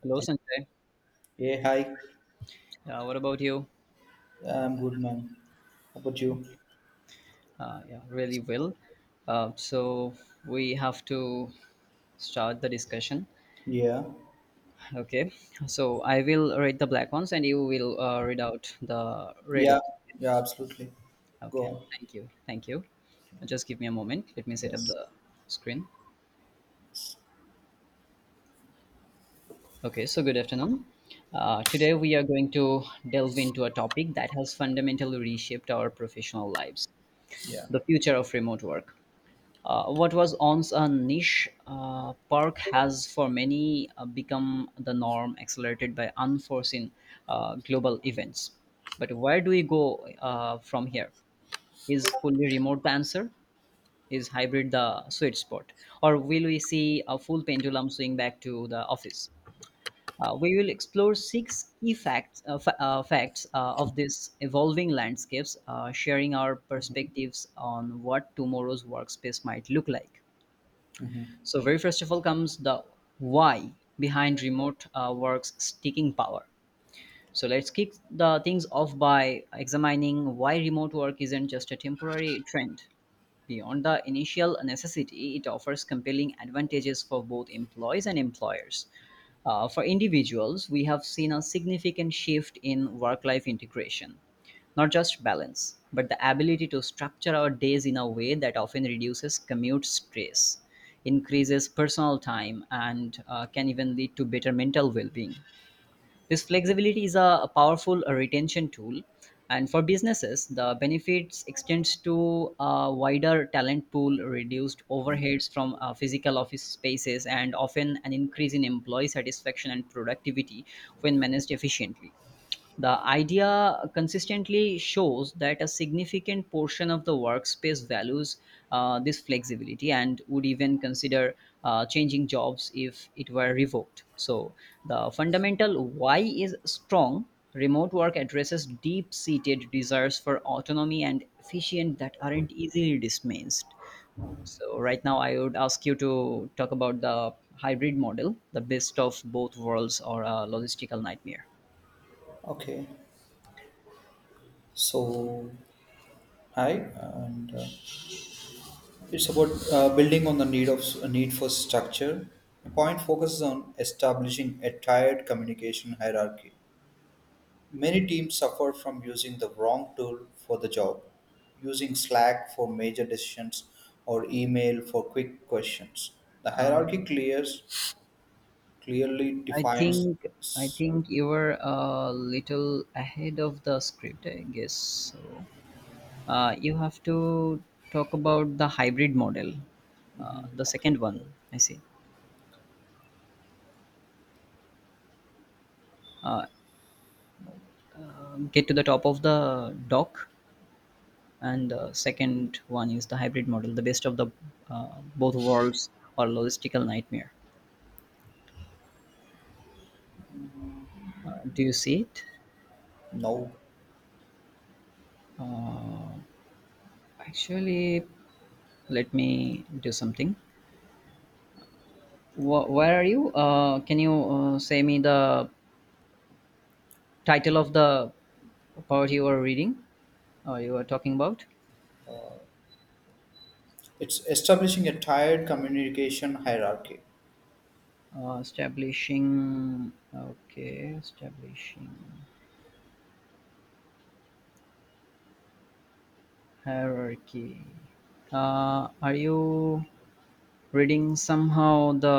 Hello, Sanjay. Hey, hi. What about you? I'm good, man. How about you? Yeah, really well. So we have to start the discussion. Yeah. Okay. So I will read the black ones, and you will read out the red Yeah. ones. Yeah, absolutely. Go Okay. on. Thank you. Thank you. Just give me a moment. Let me set up Yes. the screen. Okay. So good afternoon. Today we are going to delve into a topic that has fundamentally reshaped our professional lives: Yeah. the future of remote work. What was once a niche perk has for many become the norm, accelerated by unforeseen global events. But where do we go from here? Is fully remote the answer? Is hybrid the sweet spot? Or will we see a full pendulum swing back to the office? We will explore six key facts, facts of these evolving landscapes, sharing our perspectives on what tomorrow's workspace might look like. So very first of all comes the why behind remote work's sticking power. So let's kick the things off by examining why remote work isn't just a temporary trend. Beyond the initial necessity, it offers compelling advantages for both employees and employers. For individuals, we have seen a significant shift in work life integration, not just balance, but the ability to structure our days in a way that often reduces commute stress, increases personal time, and can even lead to better mental well being. This flexibility is a powerful retention tool, and for businesses, the benefits extends to a wider talent pool, reduced overheads from physical office spaces, and often an increase in employee satisfaction and productivity when managed efficiently. The idea consistently shows that a significant portion of the workspace values this flexibility and would even consider changing jobs if it were revoked. So, the fundamental why is strong. Remote work addresses deep seated desires for autonomy and efficient that aren't easily dismissed. So, right now, I would ask you to talk about the hybrid model, the best of both worlds or a logistical nightmare. Okay. So, hi, and it's about building on the need for structure. The point focuses on establishing a tiered communication hierarchy. Many teams suffer from using the wrong tool for the job, using Slack for major decisions or email for quick questions. The Uh, hierarchy clears clearly I defines. think I think you were a little ahead of the script, I guess. So you have to talk about the hybrid model, Mhm. the second Okay. one. I see. Get to the top of the dock, and the second one is the hybrid model, the best of the both worlds or logistical nightmare. Do you see it? No, Actually, let me do something. Where are you? Can you say me the title of the part you were reading or you were talking about? it's establishing a tired communication hierarchy. Establishing, okay, establishing hierarchy. Are you reading somehow the,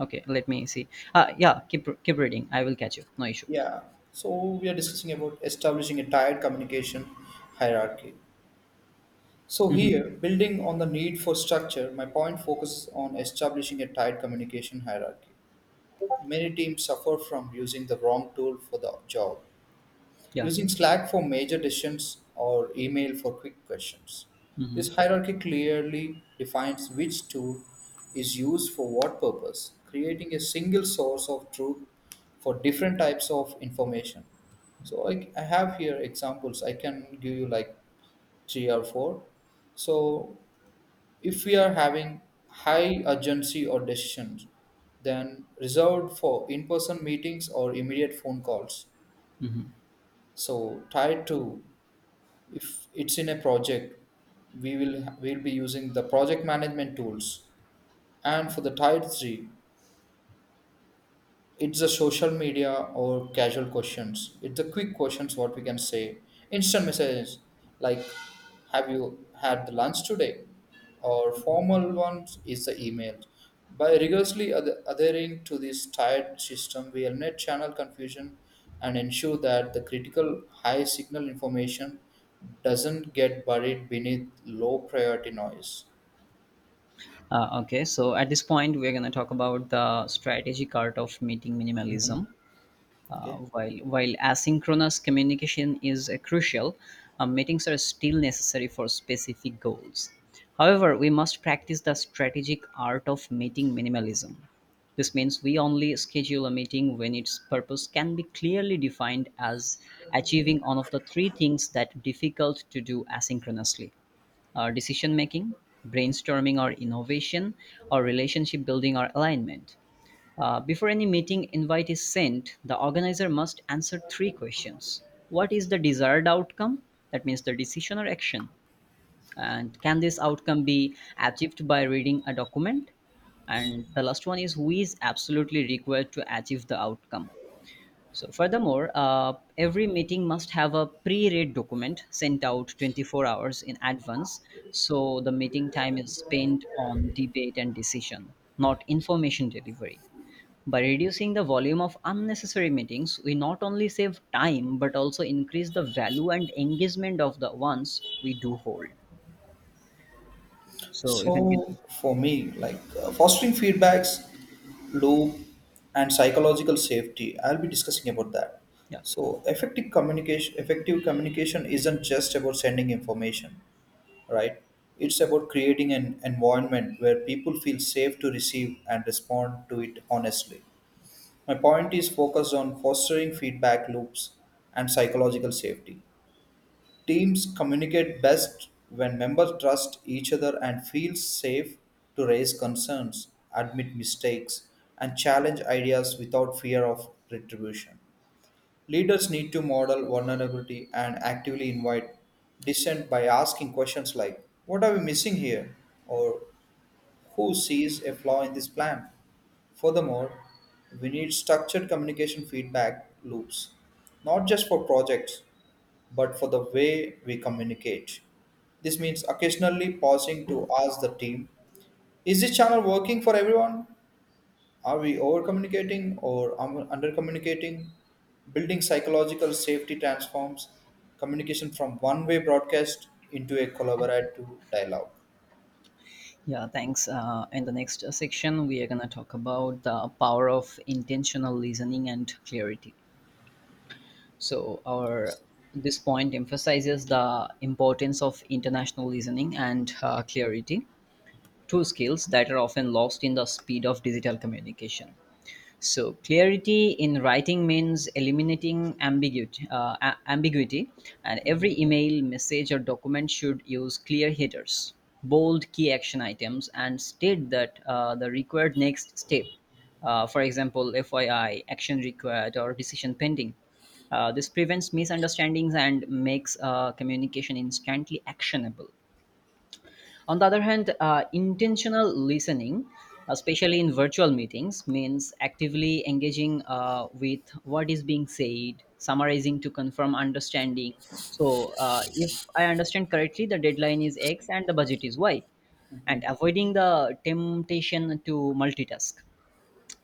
okay, let me see. Yeah, keep reading, I will catch you, no issue. Yeah, so we are discussing about establishing a tired communication hierarchy. So Hmm. here, building on the need for structure, my point focuses on establishing a tight communication hierarchy. Many teams suffer from using the wrong tool for the job, Yeah. using Slack for major decisions or email for quick questions. Hmm. This hierarchy clearly defines which tool is used for what purpose, creating a single source of truth for different types of information. So I have here examples. I can give you like three or four. So if we are having high urgency or decisions, then reserved for in-person meetings or immediate phone calls. Hmm. So tied to, if it's in a project, we'll be using the project management tools, and for the tier 3 it's the social media or casual questions, it's the quick questions, what we can say, instant messages, like, have you had the lunch today? Or formal ones is the email. By rigorously adhering to this tired system, we eliminate channel confusion and ensure that the critical high signal information doesn't get buried beneath low priority noise. Okay, so at this point we're going to talk about the strategic art of meeting Mhm. minimalism. Uh, Okay. while while asynchronous communication is crucial, meetings are still necessary for specific goals. However, we must practice the strategic art of meeting minimalism. This means we only schedule a meeting when its purpose can be clearly defined as achieving one of the three things that difficult to do asynchronously. Decision making, brainstorming or innovation, or relationship building or alignment. Before any meeting invite is sent, the organizer must answer three questions. What is the desired outcome? That means the decision or action. And can this outcome be achieved by reading a document? And the last one is who is absolutely required to achieve the outcome. So, furthermore, every meeting must have a pre read document sent out 24 hours in advance. So, the meeting time is spent on debate and decision, not information delivery. By reducing the volume of unnecessary meetings, we not only save time but also increase the value and engagement of the ones we do hold. So So for me, like fostering feedbacks, loop, and psychological safety, I'll be discussing about that. yeah, So effective communication isn't just about sending information, right? It's about creating an environment where people feel safe to receive and respond to it honestly. My point is focused on fostering feedback loops and psychological safety. Teams communicate best when members trust each other and feel safe to raise concerns, admit mistakes, and challenge ideas without fear of retribution. Leaders need to model vulnerability and actively invite dissent by asking questions like, "What are we missing here?" or "Who sees a flaw in this plan?" Furthermore, we need structured communication feedback loops, not just for projects but for the way we communicate. This means occasionally pausing to ask the team, is this channel working for everyone? Are we over communicating or under communicating? Building psychological safety transforms communication from one way broadcast into a collaborative dialogue. yeah. Thanks. In the next section, we are gonna talk about the power of intentional listening and clarity. So our this point emphasizes the importance of international listening and clarity, two skills that are often lost in the speed of digital communication. So clarity in writing means eliminating ambiguity, ambiguity, and every email, message, or document should use clear headers, bold key action items, and state that the required next step. For example, FYI, action required, or decision pending. This prevents misunderstandings and makes communication instantly actionable. On the other hand, intentional listening, especially in virtual meetings, means actively engaging with what is being said, summarizing to confirm understanding. So, if I understand correctly, the deadline is X and the budget is Y, and avoiding the temptation to multitask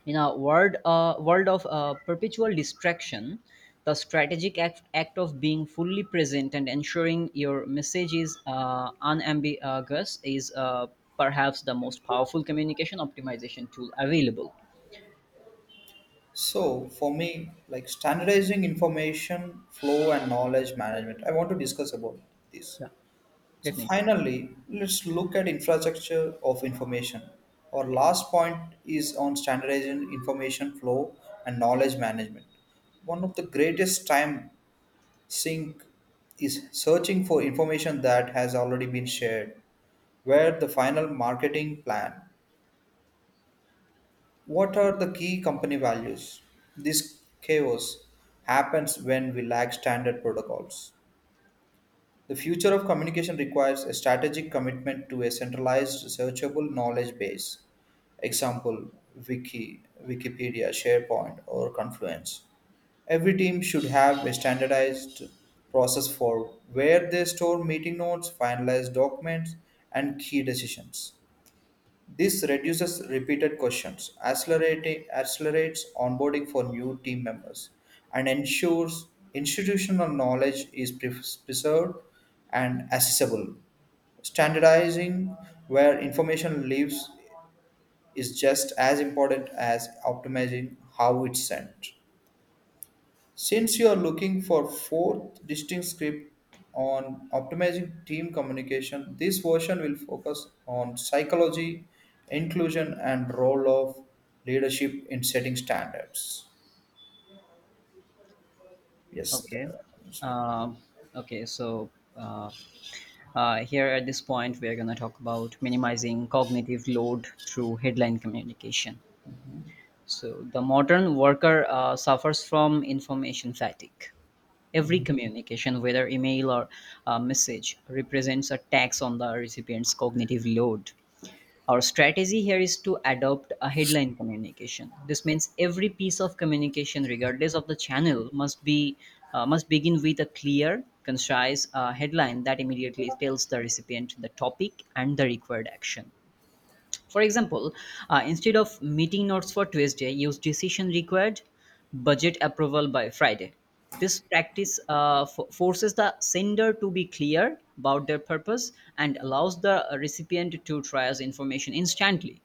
in a world of perpetual distraction, the strategic act of being fully present and ensuring your message is unambiguous is perhaps the most powerful communication optimization tool available. So, for me, like standardizing information flow and knowledge management, I want to discuss about this. Yeah, So definitely. finally, let's look at infrastructure of information. Our last point is on standardizing information flow and knowledge management. One of the greatest time sink is searching for information that has already been shared. Where the final marketing plan? What are the key company values? This chaos happens when we lack standard protocols. The future of communication requires a strategic commitment to a centralized, searchable knowledge base. Example: Wiki, Wikipedia, SharePoint, or Confluence. Every team should have a standardized process for where they store meeting notes, finalize documents, and key decisions. This reduces repeated questions, accelerates onboarding for new team members, and ensures institutional knowledge is preserved and accessible. Standardizing where information lives is just as important as optimizing how it's sent. Since you are looking for fourth distinct script on optimizing team communication, this version will focus on psychology, inclusion, and role of leadership in setting standards. Yes, Okay. that's fine. Um, okay so uh, uh, here at this point we are going to talk about minimizing cognitive load through headline communication. So the modern worker suffers from information fatigue. Every communication, whether email or message, represents a tax on the recipient's cognitive load. Our strategy here is to adopt a headline communication. This means every piece of communication, regardless of the channel, must begin with a clear, concise headline that immediately tells the recipient the topic and the required action. For example, instead of meeting notes for Tuesday, use decision required budget approval by Friday. This practice forces the sender to be clear about their purpose and allows the recipient to triage information instantly.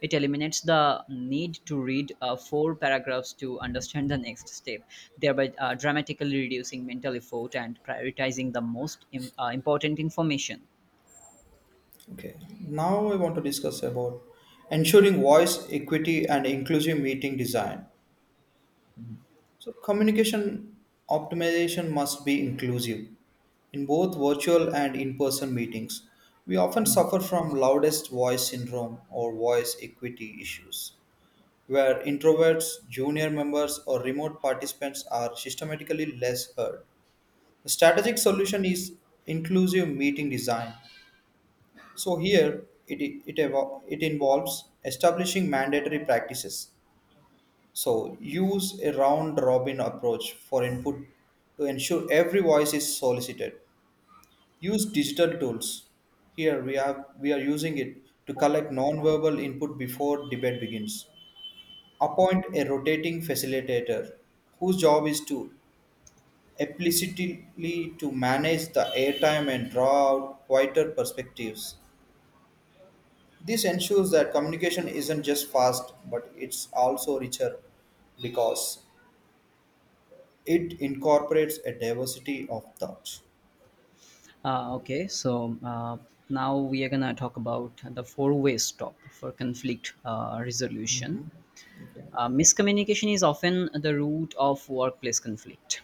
It eliminates the need to read four paragraphs to understand the next step, thereby dramatically reducing mental effort and prioritizing the most important information. Okay. Now I want to discuss about ensuring voice equity and inclusive meeting design. So communication optimization must be inclusive. In both virtual and in person meetings, we often suffer from loudest voice syndrome or voice equity issues, where introverts, junior members, or remote participants are systematically less heard. The strategic solution is inclusive meeting design. So, here it involves establishing mandatory practices. So, use a round robin approach for input to ensure every voice is solicited. Use digital tools. Here we are using it to collect non-verbal input before debate begins. Appoint a rotating facilitator whose job is to explicitly to manage the airtime and draw out quieter perspectives. This ensures that communication isn't just fast, but it's also richer because it incorporates a diversity of thoughts. Okay, so now we are going to talk about the four-way stop for conflict resolution. Okay. Miscommunication is often the root of workplace conflict.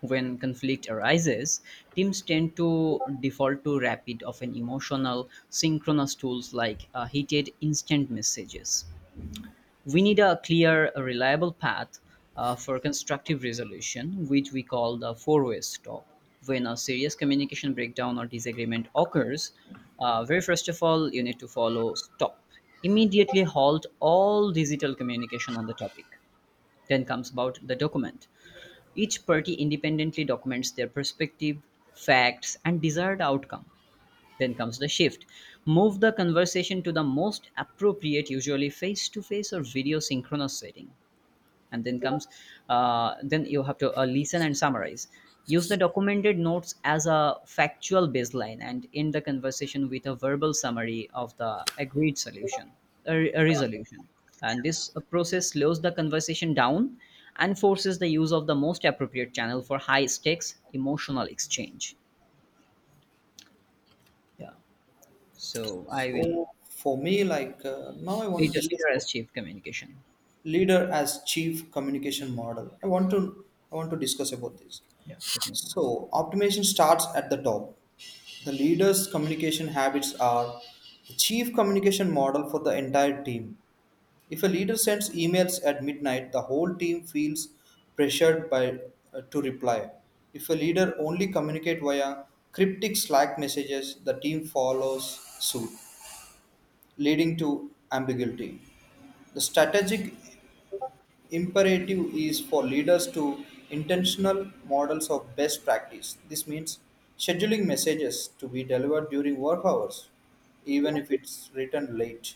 When conflict arises, teams tend to default to rapid, often emotional, synchronous tools like heated instant messages. We need a a reliable path for constructive resolution, which we call the four-way stop. When a serious communication breakdown or disagreement occurs, very first of all, you need to follow stop. Immediately halt all digital communication on the topic. Then comes about the document. Each party independently documents their perspective, facts, and desired outcome. Then comes the shift. Move the conversation to the most appropriate, usually face to face or video synchronous setting. And then comes, then you have to listen and summarize. Use the documented notes as a factual baseline and end the conversation with a verbal summary of the agreed solution, a resolution. And this process slows the conversation down and forces the use of the most appropriate channel for high stakes emotional exchange. Yeah. So I will So for me, like now, I want to Leader, discuss leader about as chief communication. leader as chief communication model. I want to discuss about this. Yeah, definitely. So optimization starts at the top. The leader's communication habits are the chief communication model for the entire team. If a leader sends emails at midnight, the whole team feels pressured by to reply. If a leader only communicate via cryptic Slack messages, the team follows suit, leading to ambiguity. The strategic imperative is for leaders to intentional models of best practice. This means scheduling messages to be delivered during work hours, even if it's written late,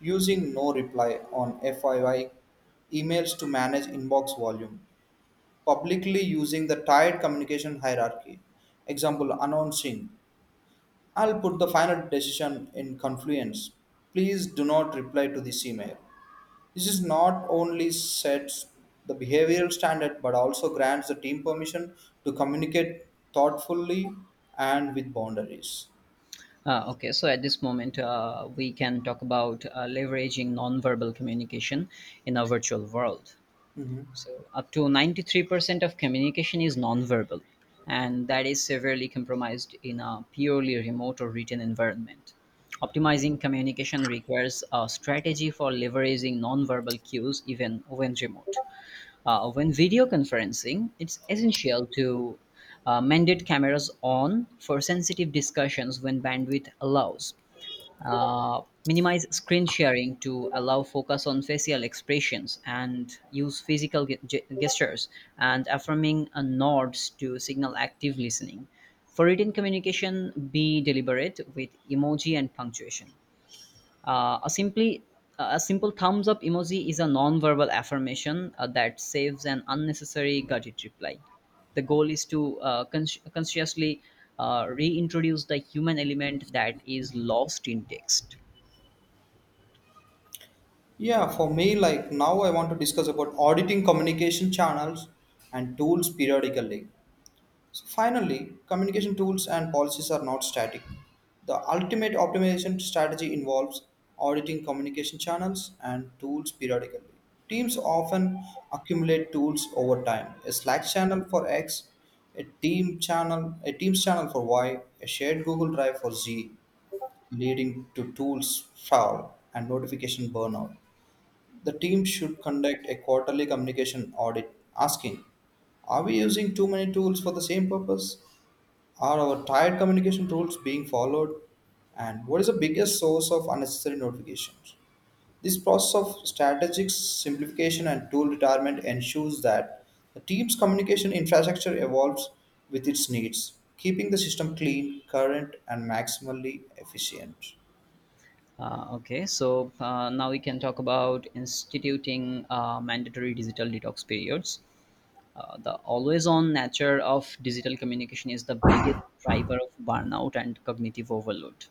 using no reply on FYI emails to manage inbox volume, publicly using the tied communication hierarchy. Example announcing, "I'll put the final decision in Confluence. Please do not reply to this email." This is not only sets the behavioral standard but also grants the team permission to communicate thoughtfully and with boundaries. Okay, so at this moment, we can talk about leveraging nonverbal communication in a virtual world. Mhm. So, up to 93% of communication is nonverbal, and that is severely compromised in a purely remote or written environment. Optimizing communication requires a strategy for leveraging nonverbal cues even when remote. When video conferencing, it's essential to mandate cameras on for sensitive discussions when bandwidth allows. Minimize screen sharing to allow focus on facial expressions and use physical gestures and affirming nods to signal active listening. For written communication, be deliberate with emoji and punctuation. A simply a simple thumbs up emoji is a non-verbal affirmation that saves an unnecessary gadget reply. The goal is to consciously reintroduce the human element that is lost in text. Yeah, for me, like now I want to discuss about auditing communication channels and tools periodically. So finally, communication tools and policies are not static. The ultimate optimization strategy involves auditing communication channels and tools periodically. Teams often accumulate tools over time. A Slack channel for X, a team channel, a Teams channel for Y, a shared Google Drive for Z, leading to tools foul and notification burnout. The team should conduct a quarterly communication audit, asking, are we using too many tools for the same purpose? Are our tired communication rules being followed? And what is the biggest source of unnecessary notifications? This process of strategic simplification and tool retirement ensures that the team's communication infrastructure evolves with its needs, keeping the system clean, current, and maximally efficient. Okay, now we can talk about instituting mandatory digital detox periods. The always on nature of digital communication is the biggest driver of burnout and cognitive overload.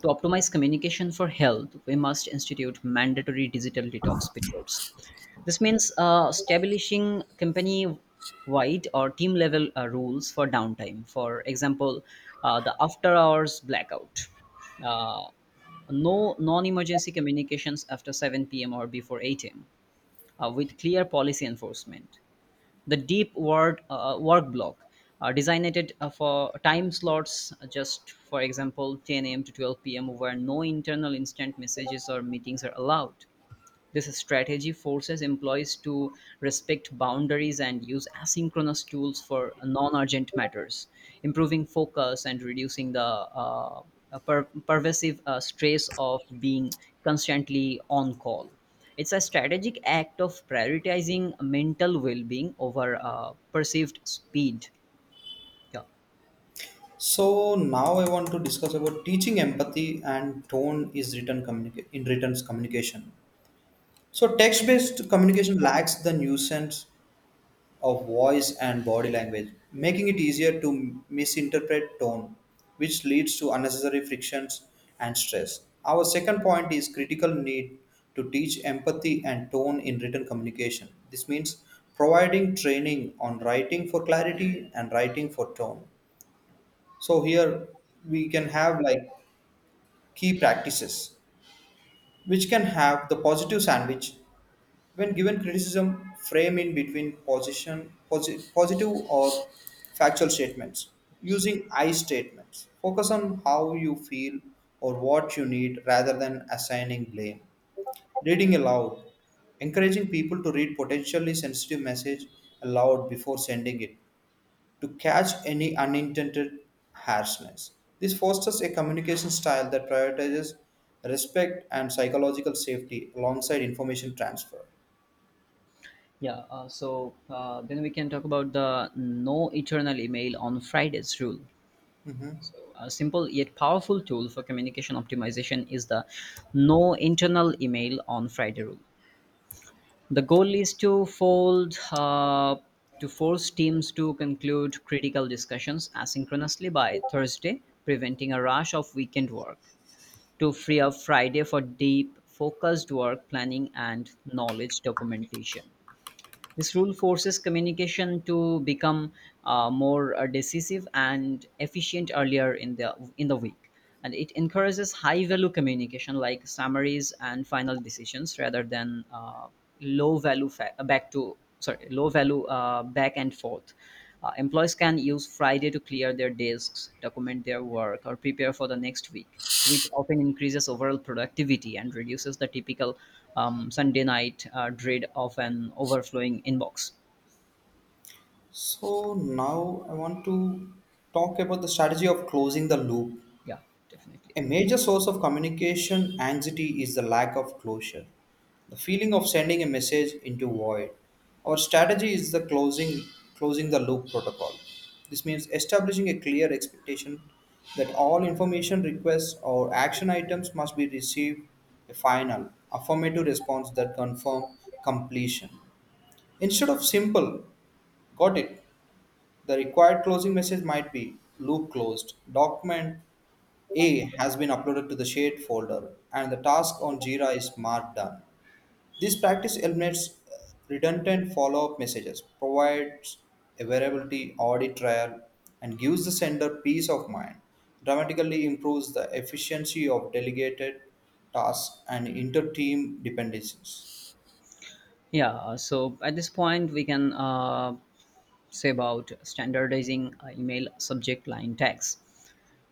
To optimize communication for health, we must institute mandatory digital detox periods. This means establishing company wide or team level rules for downtime. For example, the after hours blackout. Uh, no non-emergency communications after 7 p.m. or before 8 a.m. With clear policy enforcement, the deep word work block designated for time slots, just for example 10 a.m to 12 p.m, where no internal instant messages or meetings are allowed. This strategy forces employees to respect boundaries and use asynchronous tools for non urgent matters, improving focus and reducing the pervasive stress of being constantly on call. It's a strategic act of prioritizing mental well being over perceived speed. Yeah. So now I want to discuss about teaching empathy and tone in written communication. So text-based communication lacks the nuisance of voice and body language, making it easier to misinterpret tone, which leads to unnecessary frictions and stress. Our second point is critical need to teach empathy and tone in written communication. This means providing training on writing for clarity and writing for tone. So here we can have like key practices, which can have the positive sandwich: when given criticism, frame in between positive or factual statements. Using I statements, focus on how you feel or what you need rather than assigning blame. Reading aloud, encouraging people to read potentially sensitive message aloud before sending it to catch any unintended harshness. This fosters a communication style that prioritizes respect and psychological safety alongside information transfer. Yeah, so then we can talk about the no eternal email on Fridays rule. Mhm. So, a simple yet powerful tool for communication optimization is the no internal email on Friday rule. The goal is to force teams to conclude critical discussions asynchronously by Thursday, preventing a rush of weekend work to free up Friday for deep, focused work planning and knowledge documentation. This rule forces communication to become more decisive and efficient earlier in the week, and it encourages high value communication like summaries and final decisions rather than low value fa- back to sorry low value back and forth. Employees can use Friday to clear their desks, document their work, or prepare for the next week, which often increases overall productivity and reduces the typical Sunday night dread of an overflowing inbox. So now I want to talk about the strategy of closing the loop. Yeah, definitely. A major source of communication anxiety is the lack of closure, the feeling of sending a message into void. Our strategy is the closing the loop protocol. This means establishing a clear expectation that all information requests or action items must be received a final affirmative response that confirm completion. Instead of simple "got it," the required closing message might be "loop closed. Document A has been uploaded to the shared folder and the task on Jira is marked done." This practice eliminates redundant follow-up messages, provides a availability audit trail, and gives the sender peace of mind. Dramatically improves the efficiency of delegated tasks and inter-team dependencies. Yeah, so at this point, we can say about standardizing email subject line tags.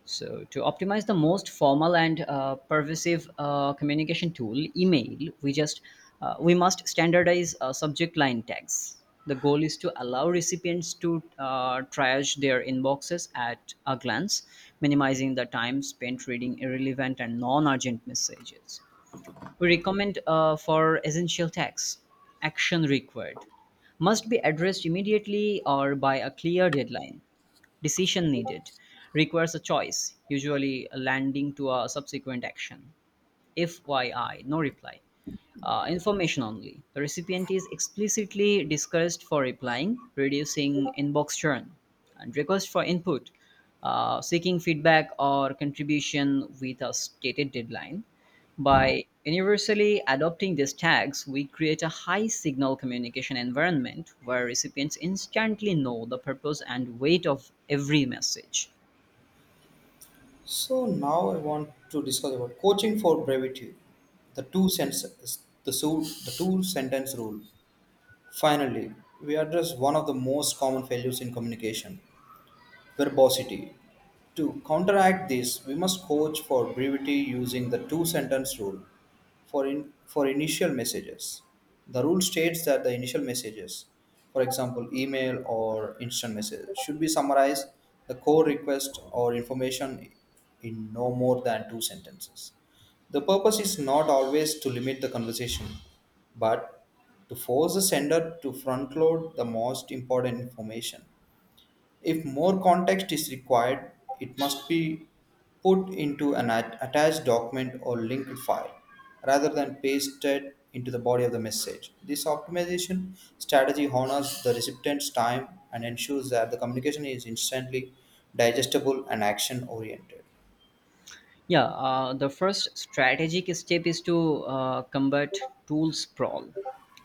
So, to optimize the most formal and pervasive communication tool, email, we must standardize subject line tags. The goal is to allow recipients to triage their inboxes at a glance, minimizing the time spent reading irrelevant and non-urgent messages. We recommend for essential tax. Action required. Must be addressed immediately or by a clear deadline. Decision needed. Requires a choice, usually landing to a subsequent action. FYI, no reply. Information only. The recipient is explicitly discouraged for replying, reducing inbox churn, and request for input, seeking feedback or contribution with a stated deadline. By universally adopting these tags, we create a high signal communication environment where recipients instantly know the purpose and weight of every message. So now I want to discuss about coaching for brevity, the two senses, the, so, the two sentence rule. Finally, we address one of the most common failures in communication, verbosity. To counteract this, we must coach for brevity using the two sentence rule for initial messages. The rule states that the initial messages, for example, email or instant message, should be summarized the core request or information in no more than two sentences. The purpose is not always to limit the conversation, but to force the sender to front load the most important information. If more context is required, it must be put into an attached document or linked file rather than pasted into the body of the message. This optimization strategy honors the recipient's time and ensures that the communication is instantly digestible and action oriented. Yeah, the first strategic step is to combat tool sprawl,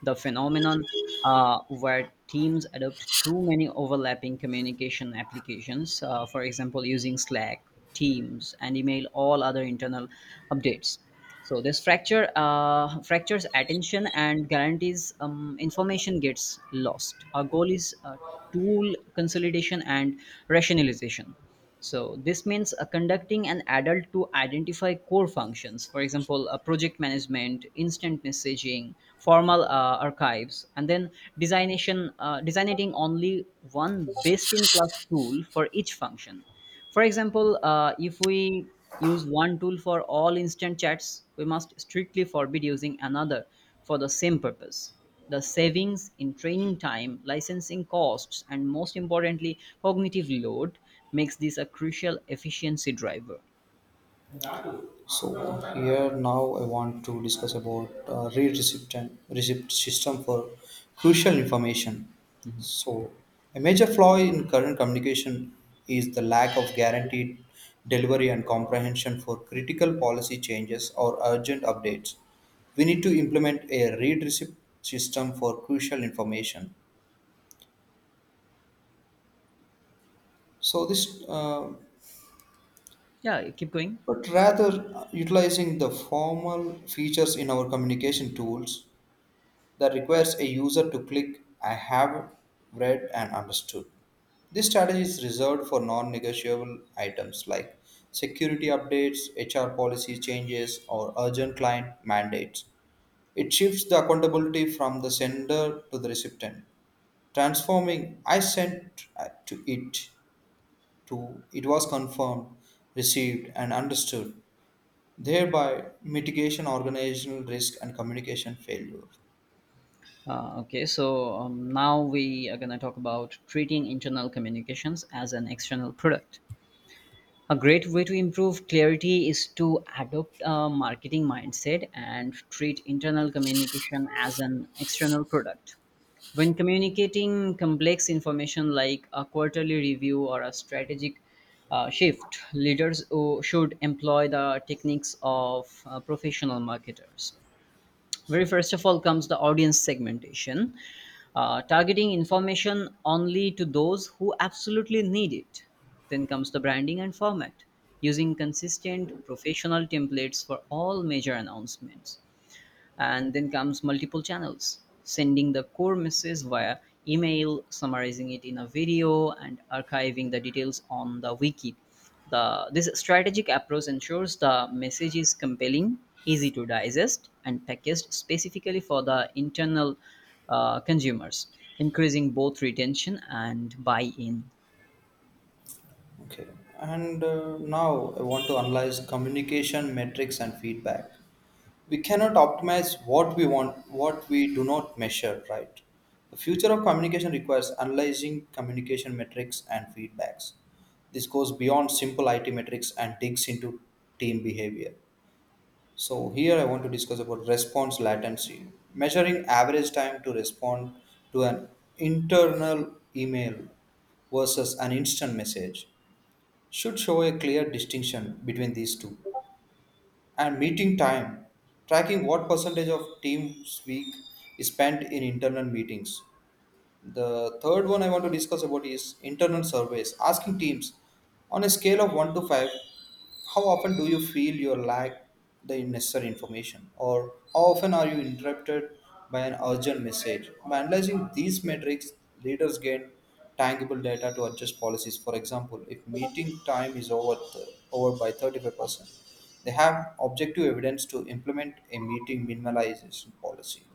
the phenomenon where teams adopt too many overlapping communication applications, for example, using Slack, Teams, and email all other internal updates. So this fracture fractures attention and guarantees information gets lost. Our goal is tool consolidation and rationalization. So this means conducting an adult to identify core functions, for example, project management, instant messaging, formal archives, and then designating only one best-in-class tool for each function, for example, if we use one tool for all instant chats, we must strictly forbid using another for the same purpose. The savings in training time, licensing costs, and most importantly, cognitive load makes this a crucial efficiency driver. So here now I want to discuss about read receipt and receipt system for crucial information. So a major flaw in current communication is the lack of guaranteed delivery and comprehension for critical policy changes or urgent updates. We need to implement a read receipt system for crucial information. So this, uh, Yeah, keep going. but rather utilizing the formal features in our communication tools that requires a user to click "I have read and understood." This strategy is reserved for non negotiable items like security updates, HR policy changes, or urgent client mandates. It shifts the accountability from the sender to the recipient, transforming "I sent" to it was confirmed, received, and understood, thereby mitigation organizational risk and communication failure. Okay, now we are going to talk about treating internal communications as an external product. A great way to improve clarity is to adopt a marketing mindset and treat internal communication as an external product. When communicating complex information like a quarterly review or a strategic shift, leaders should employ the techniques of professional marketers. Very first of all comes the audience segmentation, targeting information only to those who absolutely need it. Then comes the branding and format, using consistent professional templates for all major announcements. And then comes multiple channels, sending the core message via email, summarizing it in a video, and archiving the details on the wiki. The this strategic approach ensures the message is compelling, easy to digest, and packaged specifically for the internal consumers, increasing both retention and buy-in. Okay, and now I want to analyze communication metrics and feedback. We cannot optimize what we do not measure, right? The future of communication requires analyzing communication metrics and feedbacks. This goes beyond simple IT metrics and digs into team behavior. So here I want to discuss about response latency, measuring average time to respond to an internal email versus an instant message should show a clear distinction between these two. And meeting time, tracking what percentage of team's week is spent in internal meetings. The third one I want to discuss about is internal surveys. Asking teams on a scale of 1 to 5, how often do you feel you lack the necessary information? Or how often are you interrupted by an urgent message? By analyzing these metrics, leaders gain tangible data to adjust policies. For example, if meeting time is over by 35%, they have objective evidence to implement a meeting minimalization policy.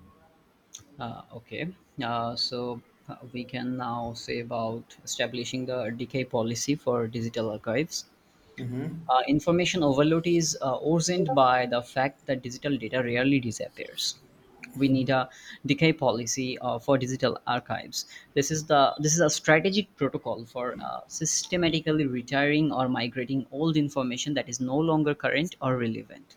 uh, okay uh, so we can now say about establishing the decay policy for digital archives. Information overload is originated by the fact that digital data rarely disappears. We need a decay policy for digital archives. This is a strategic protocol for systematically retiring or migrating old information that is no longer current or relevant.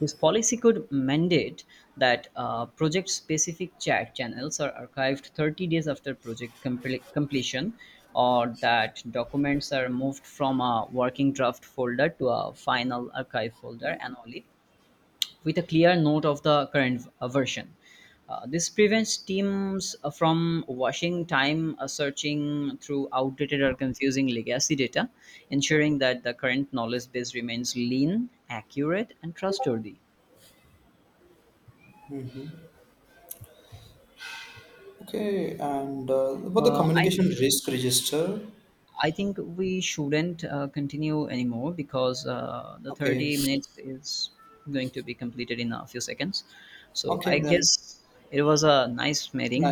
This policy could mandate that project-specific chat channels are archived 30 days after project completion, or that documents are moved from a working draft folder to a final archive folder annually, with a clear note of the current version. This prevents teams from washing time searching through outdated or confusing legacy data, ensuring that the current knowledge base remains lean, accurate, and trustworthy. Mhm. Okay, and about the Uh, I communication risk register. I think we shouldn't continue anymore because the Okay. 30 minutes is going to be completed in a few seconds. So I Okay, then. guess it was a nice meeting. Nice.